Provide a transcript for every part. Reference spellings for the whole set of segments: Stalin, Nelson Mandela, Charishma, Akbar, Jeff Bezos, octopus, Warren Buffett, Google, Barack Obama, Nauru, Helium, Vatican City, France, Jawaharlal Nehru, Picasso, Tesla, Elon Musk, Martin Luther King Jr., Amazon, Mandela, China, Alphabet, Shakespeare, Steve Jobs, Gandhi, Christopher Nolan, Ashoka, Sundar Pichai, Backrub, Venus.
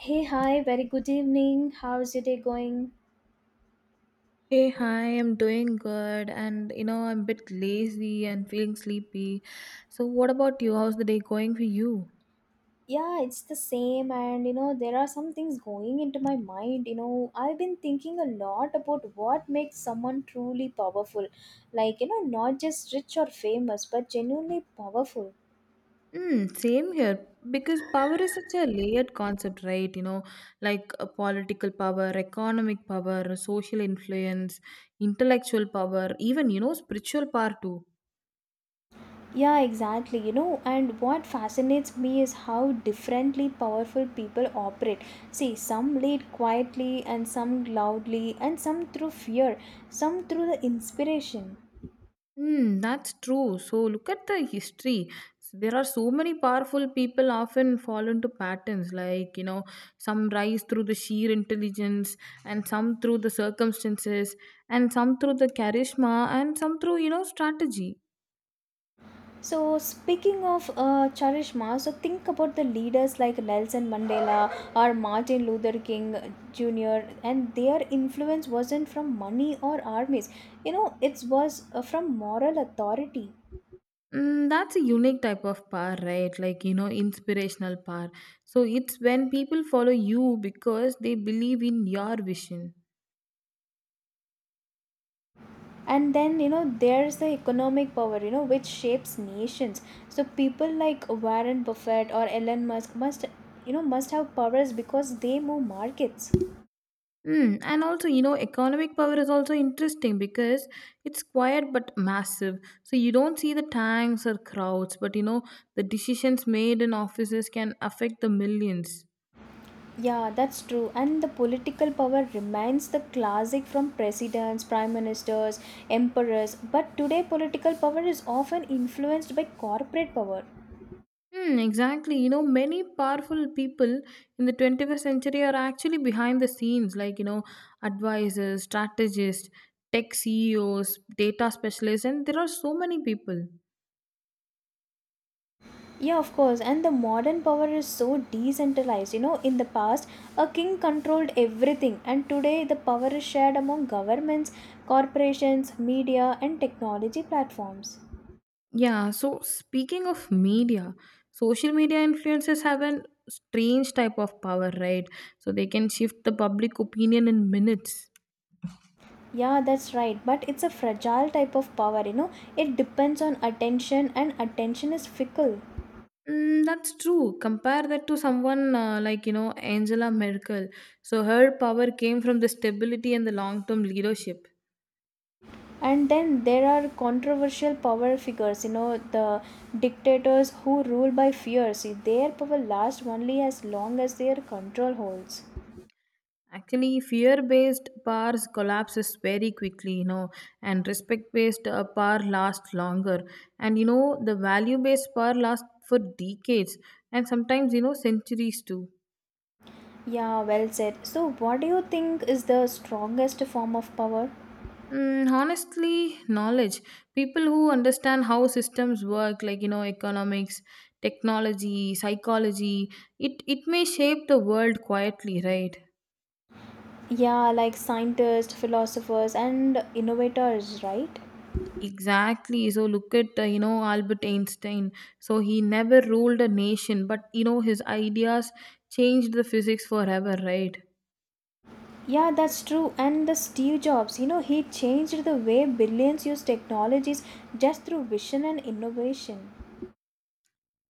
Hey, hi, very good evening. How's your day going? Hey, hi, I'm doing good and you know, I'm a bit lazy and feeling sleepy. So, what about you? How's the day going for you? Yeah, it's the same, and there are some things going into my mind. I've been thinking a lot about what makes someone truly powerful. Not just rich or famous, but genuinely powerful. Hmm, same here because power is such a layered concept, right? You know, like political power, economic power, social influence, intellectual power, even you know, spiritual power too. Yeah, exactly. And what fascinates me is how differently powerful people operate. See, some lead quietly, and some loudly, and some through fear, some through the inspiration. Hmm, that's true. So look at the history. There are so many powerful people often fall into patterns, like you know, some rise through the sheer intelligence, and some through the circumstances, and some through the charisma, and some through you know strategy. So, speaking of Charishma, so think about the leaders like Nelson Mandela or Martin Luther King Jr., and their influence wasn't from money or armies, it was from moral authority. Mm, that's a unique type of power, right? Like you know, inspirational power. So it's when people follow you because they believe in your vision. And then, there's the economic power, which shapes nations. So, people like Warren Buffett or Elon Musk must, must have powers because they move markets. Mm, and also, you know, economic power is also interesting because it's quiet but massive. So you don't see the tanks or crowds, but you know, the decisions made in offices can affect the millions. Yeah, that's true. And the political power remains the classic from presidents, prime ministers, emperors. But today, political power is often influenced by corporate power. Hmm, exactly. You know, many powerful people in the 21st century are actually behind the scenes, like, you know, advisors, strategists, tech CEOs, data specialists, and there are so many people. Yeah, of course. And the modern power is so decentralized. In the past, a king controlled everything. And today, the power is shared among governments, corporations, media, and technology platforms. Yeah, so speaking of media, social media influencers have an strange type of power, right? So they can shift the public opinion in minutes. Yeah, that's right. But it's a fragile type of power. It depends on attention, and attention is fickle. Mm, that's true. Compare that to someone like, you know, Angela Merkel. So her power came from the stability and the long term leadership. And then there are controversial power figures, the dictators who rule by fear. See, their power lasts only as long as their control holds. Actually, fear based powers collapses very quickly, you know, and respect based par lasts longer. And you know, the value based power lasts for decades and sometimes, you know, centuries too. Yeah, well said. So what do you think is the strongest form of power? Mm, honestly, knowledge. People who understand how systems work, like, you know, economics, technology, psychology, it may shape the world quietly, right? Yeah, like scientists, philosophers, and innovators, right? Exactly. So look at you know Albert Einstein. So he never ruled a nation, but you know his ideas changed the physics forever, right? Yeah, that's true. And the Steve Jobs, he changed the way billions use technologies just through vision and innovation.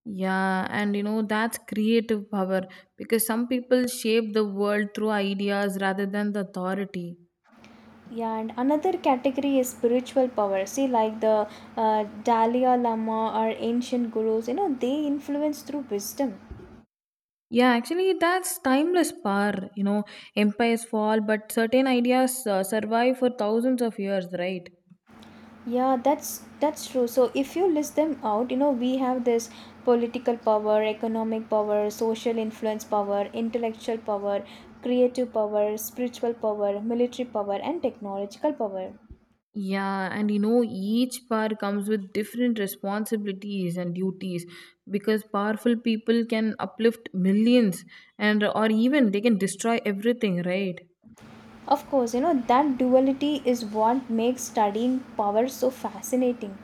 Yeah, and you know that's creative power because some people shape the world through ideas rather than the authority. Yeah, and another category is spiritual power. See, like the Dalai Lama or ancient gurus, they influence through wisdom. Yeah, actually, that's timeless power. You know, empires fall, but certain ideas survive for thousands of years, right? Yeah, that's true. So if you list them out, we have this political power, economic power, social influence power, intellectual power, creative power, spiritual power, military power, and technological power. Yeah, and you know, each power comes with different responsibilities and duties because powerful people can uplift millions and or even they can destroy everything, right? Of course, that duality is what makes studying power so fascinating.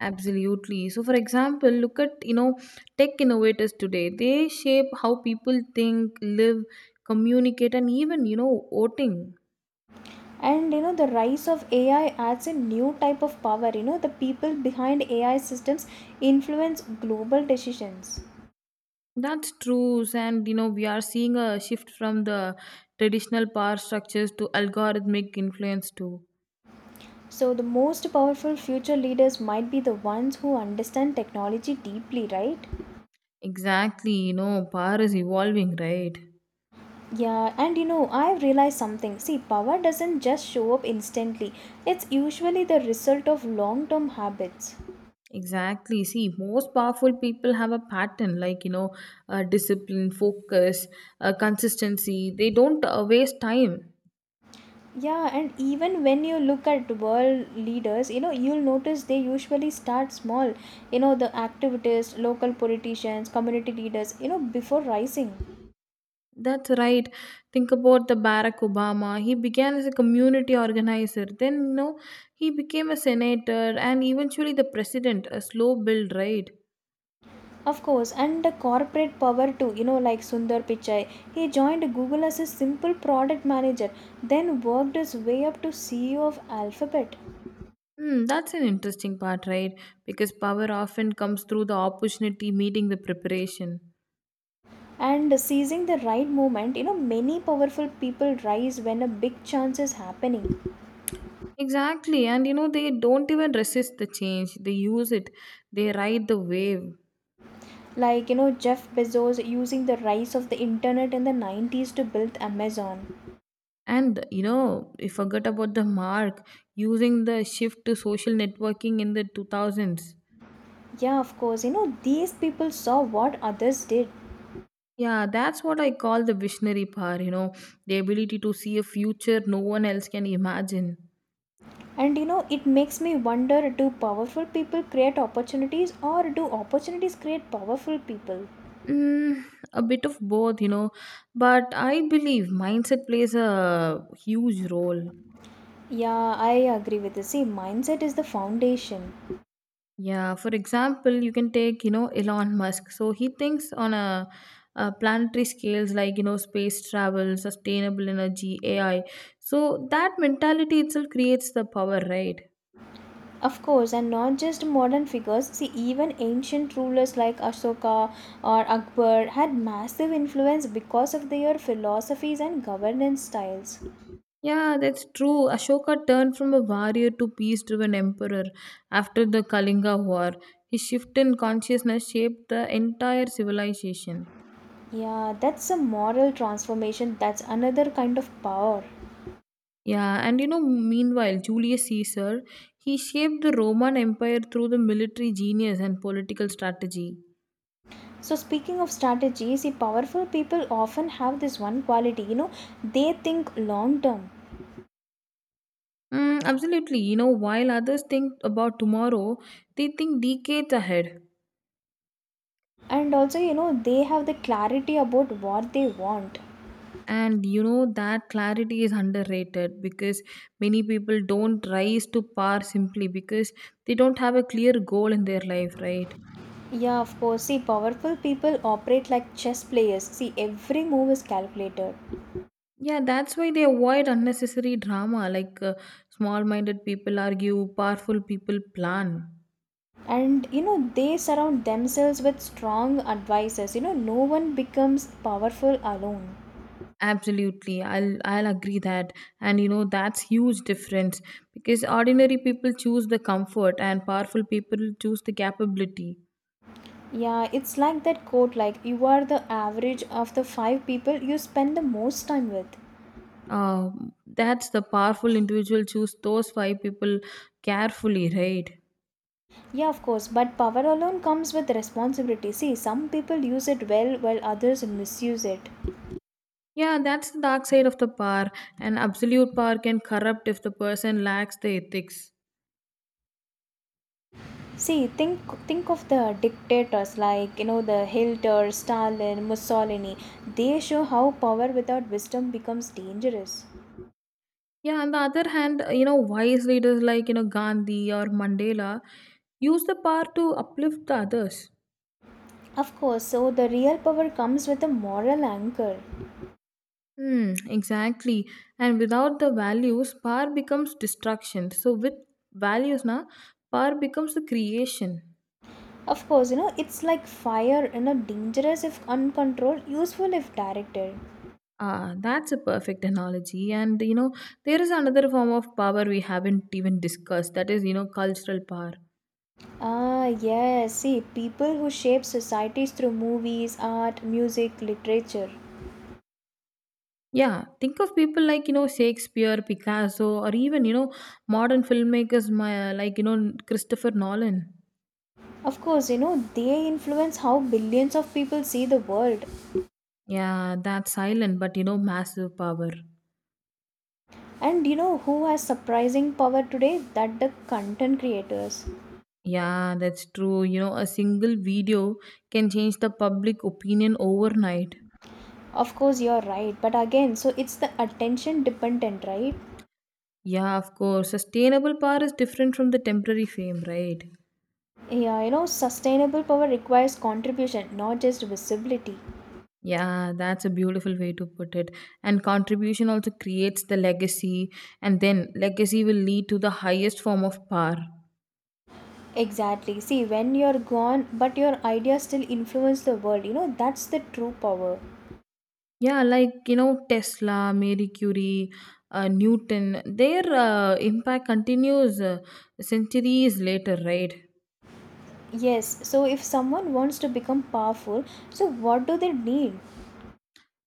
Absolutely. So, for example, look at you know, tech innovators today, they shape how people think, live, communicate, and even you know, voting. And the rise of AI adds a new type of power. The people behind AI systems influence global decisions. That's true, and you know, we are seeing a shift from the traditional power structures to algorithmic influence too. So the most powerful future leaders might be the ones who understand technology deeply, right? Exactly, you know, power is evolving, right? Yeah, and I've realized something. See, power doesn't just show up instantly. It's usually the result of long term habits. Exactly. See, most powerful people have a pattern like, you know, discipline, focus, consistency. They don't waste time. Yeah, and even when you look at world leaders, you'll notice they usually start small. The activities, local politicians, community leaders, before rising. That's right. Think about the Barack Obama. He began as a community organizer. Then, you know, he became a senator and eventually the president. A slow build, right? Of course, and the corporate power too, like Sundar Pichai. He joined Google as a simple product manager, then worked his way up to CEO of Alphabet. Hmm, that's an interesting part, right? Because power often comes through the opportunity meeting the preparation. And seizing the right moment, many powerful people rise when a big chance is happening. Exactly. And you know, they don't even resist the change. They use it. They ride the wave. Like Jeff Bezos using the rise of the internet in the 90s to build Amazon. And you know, you forget about the mark using the shift to social networking in the 2000s. Yeah, of course, these people saw what others did. Yeah, that's what I call the visionary power, you know, the ability to see a future no one else can imagine. And it makes me wonder, do powerful people create opportunities or do opportunities create powerful people? Mm, a bit of both, you know, but I believe mindset plays a huge role. Yeah, I agree with you. See, mindset is the foundation. Yeah, for example, you can take, you know, Elon Musk. So he thinks on a planetary scales like, you know, space travel, sustainable energy, AI. So that mentality itself creates the power, right? Of course, and not just modern figures. See, even ancient rulers like Ashoka or Akbar had massive influence because of their philosophies and governance styles. Yeah, that's true. Ashoka turned from a warrior to peace driven emperor after the Kalinga War. His shift in consciousness shaped the entire civilization. Yeah, that's a moral transformation. That's another kind of power. Yeah, and you know, meanwhile, Julius Caesar, he shaped the Roman Empire through the military genius and political strategy. So, speaking of strategy, see, powerful people often have this one quality, they think long term. Mm, absolutely. You know, while others think about tomorrow, they think decades ahead. And also, they have the clarity about what they want. And you know, that clarity is underrated because many people don't rise to power simply because they don't have a clear goal in their life, right? Yeah, of course. See, powerful people operate like chess players. See, every move is calculated. Yeah, that's why they avoid unnecessary drama like small minded people argue, powerful people plan. And they surround themselves with strong advisors. No one becomes powerful alone. Absolutely, I'll agree that, and you know that's huge difference because ordinary people choose the comfort and powerful people choose the capability. Yeah, it's like that quote, like you are the average of the five people you spend the most time with. That's the powerful individual choose those five people carefully, right? Yeah, of course, but power alone comes with responsibility. See, some people use it well while others misuse it. Yeah, that's the dark side of the power, and absolute power can corrupt if the person lacks the ethics. See, think of the dictators, like, the Hitler, Stalin, Mussolini. They show how power without wisdom becomes dangerous. Yeah, on the other hand, you know, wise leaders like you know Gandhi or Mandela use the power to uplift the others. Of course, so the real power comes with a moral anchor. Hmm, exactly. And without the values, power becomes destruction. So with values na, power becomes the creation. Of course, it's like fire, dangerous if uncontrolled, useful if directed. Ah, that's a perfect analogy. And you know, there is another form of power we haven't even discussed. That is, you know, cultural power. Ah, yes, see, people who shape societies through movies, art, music, literature. Yeah, think of people like you know Shakespeare, Picasso, or even you know modern filmmakers my, like you know Christopher Nolan. Of course, they influence how billions of people see the world. Yeah, that's silent but you know massive power. And you know who has surprising power today? That the content creators. Yeah, that's true. You know, a single video can change the public opinion overnight. Of course, you're right, but again, so it's the attention dependent, right? Yeah, of course. Sustainable power is different from the temporary fame, right? Yeah, sustainable power requires contribution, not just visibility. Yeah, that's a beautiful way to put it. And contribution also creates the legacy, and then legacy will lead to the highest form of power. Exactly. See, when you're gone, but your ideas still influence the world, that's the true power. Yeah, like you know, Tesla, Marie Curie, Newton, their impact continues centuries later, right? Yes, so if someone wants to become powerful, so what do they need?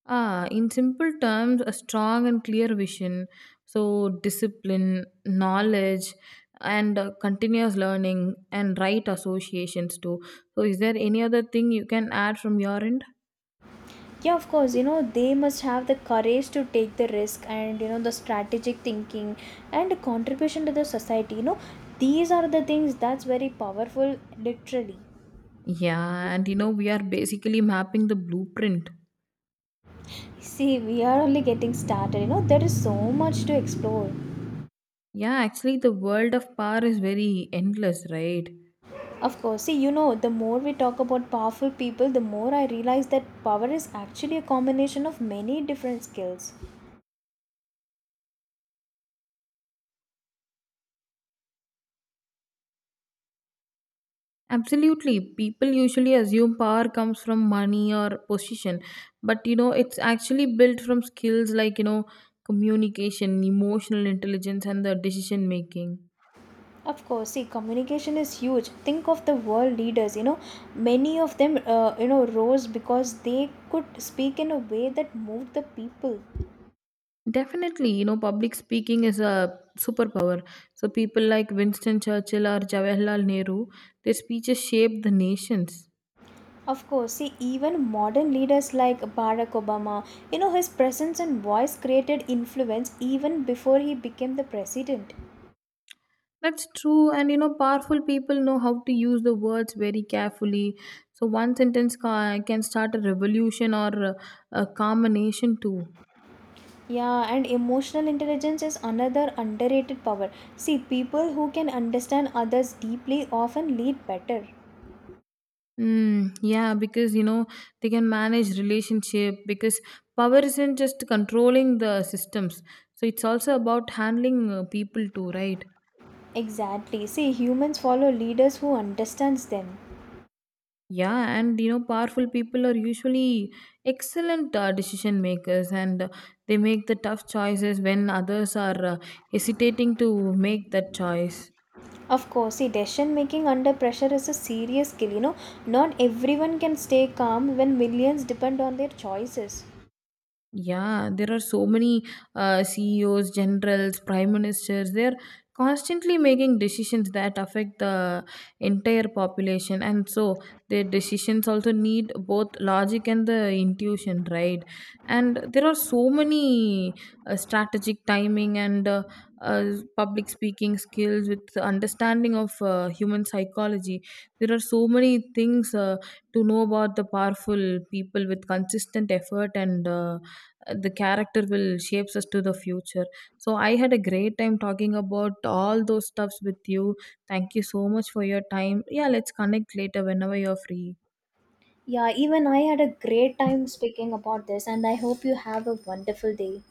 Ah, in simple terms, a strong and clear vision, so discipline, knowledge, and continuous learning and right associations too. So, is there any other thing you can add from your end? Yeah, of course, they must have the courage to take the risk and, the strategic thinking and the contribution to the society. These are the things that's very powerful, literally. Yeah, and you know, we are basically mapping the blueprint. See, we are only getting started, there is so much to explore. Yeah, actually, the world of power is very endless, right? Of course, see, the more we talk about powerful people, the more I realize that power is actually a combination of many different skills. Absolutely. People usually assume power comes from money or position, but you know, it's actually built from skills like, you know, communication, emotional intelligence, and the decision making. Of course, see, communication is huge. Think of the world leaders, many of them, rose because they could speak in a way that moved the people. Definitely, you know, public speaking is a superpower. So people like Winston Churchill or Jawaharlal Nehru, their speeches shaped the nations. Of course, see, even modern leaders like Barack Obama, his presence and voice created influence even before he became the president. That's true, and you know, powerful people know how to use the words very carefully. So, one sentence can start a revolution or a calm a nation too. Yeah, and emotional intelligence is another underrated power. See, people who can understand others deeply often lead better. Mm, yeah, because you know, they can manage relationship because power isn't just controlling the systems, so it's also about handling people too, right? Exactly. See, humans follow leaders who understands them. Yeah, and you know, powerful people are usually excellent decision makers and they make the tough choices when others are hesitating to make that choice. Of course, see, decision making under pressure is a serious skill. Not everyone can stay calm when millions depend on their choices. Yeah, there are so many CEOs, generals, prime ministers. They're constantly making decisions that affect the entire population, and so their decisions also need both logic and the intuition, right? And there are so many strategic timing and public speaking skills with the understanding of human psychology. There are so many things to know about the powerful people with consistent effort and. The character will shapes us to the future. So I had a great time talking about all those stuffs with you. Thank you so much for your time. Yeah, let's connect later whenever you're free. Yeah, even I had a great time speaking about this, and I hope you have a wonderful day.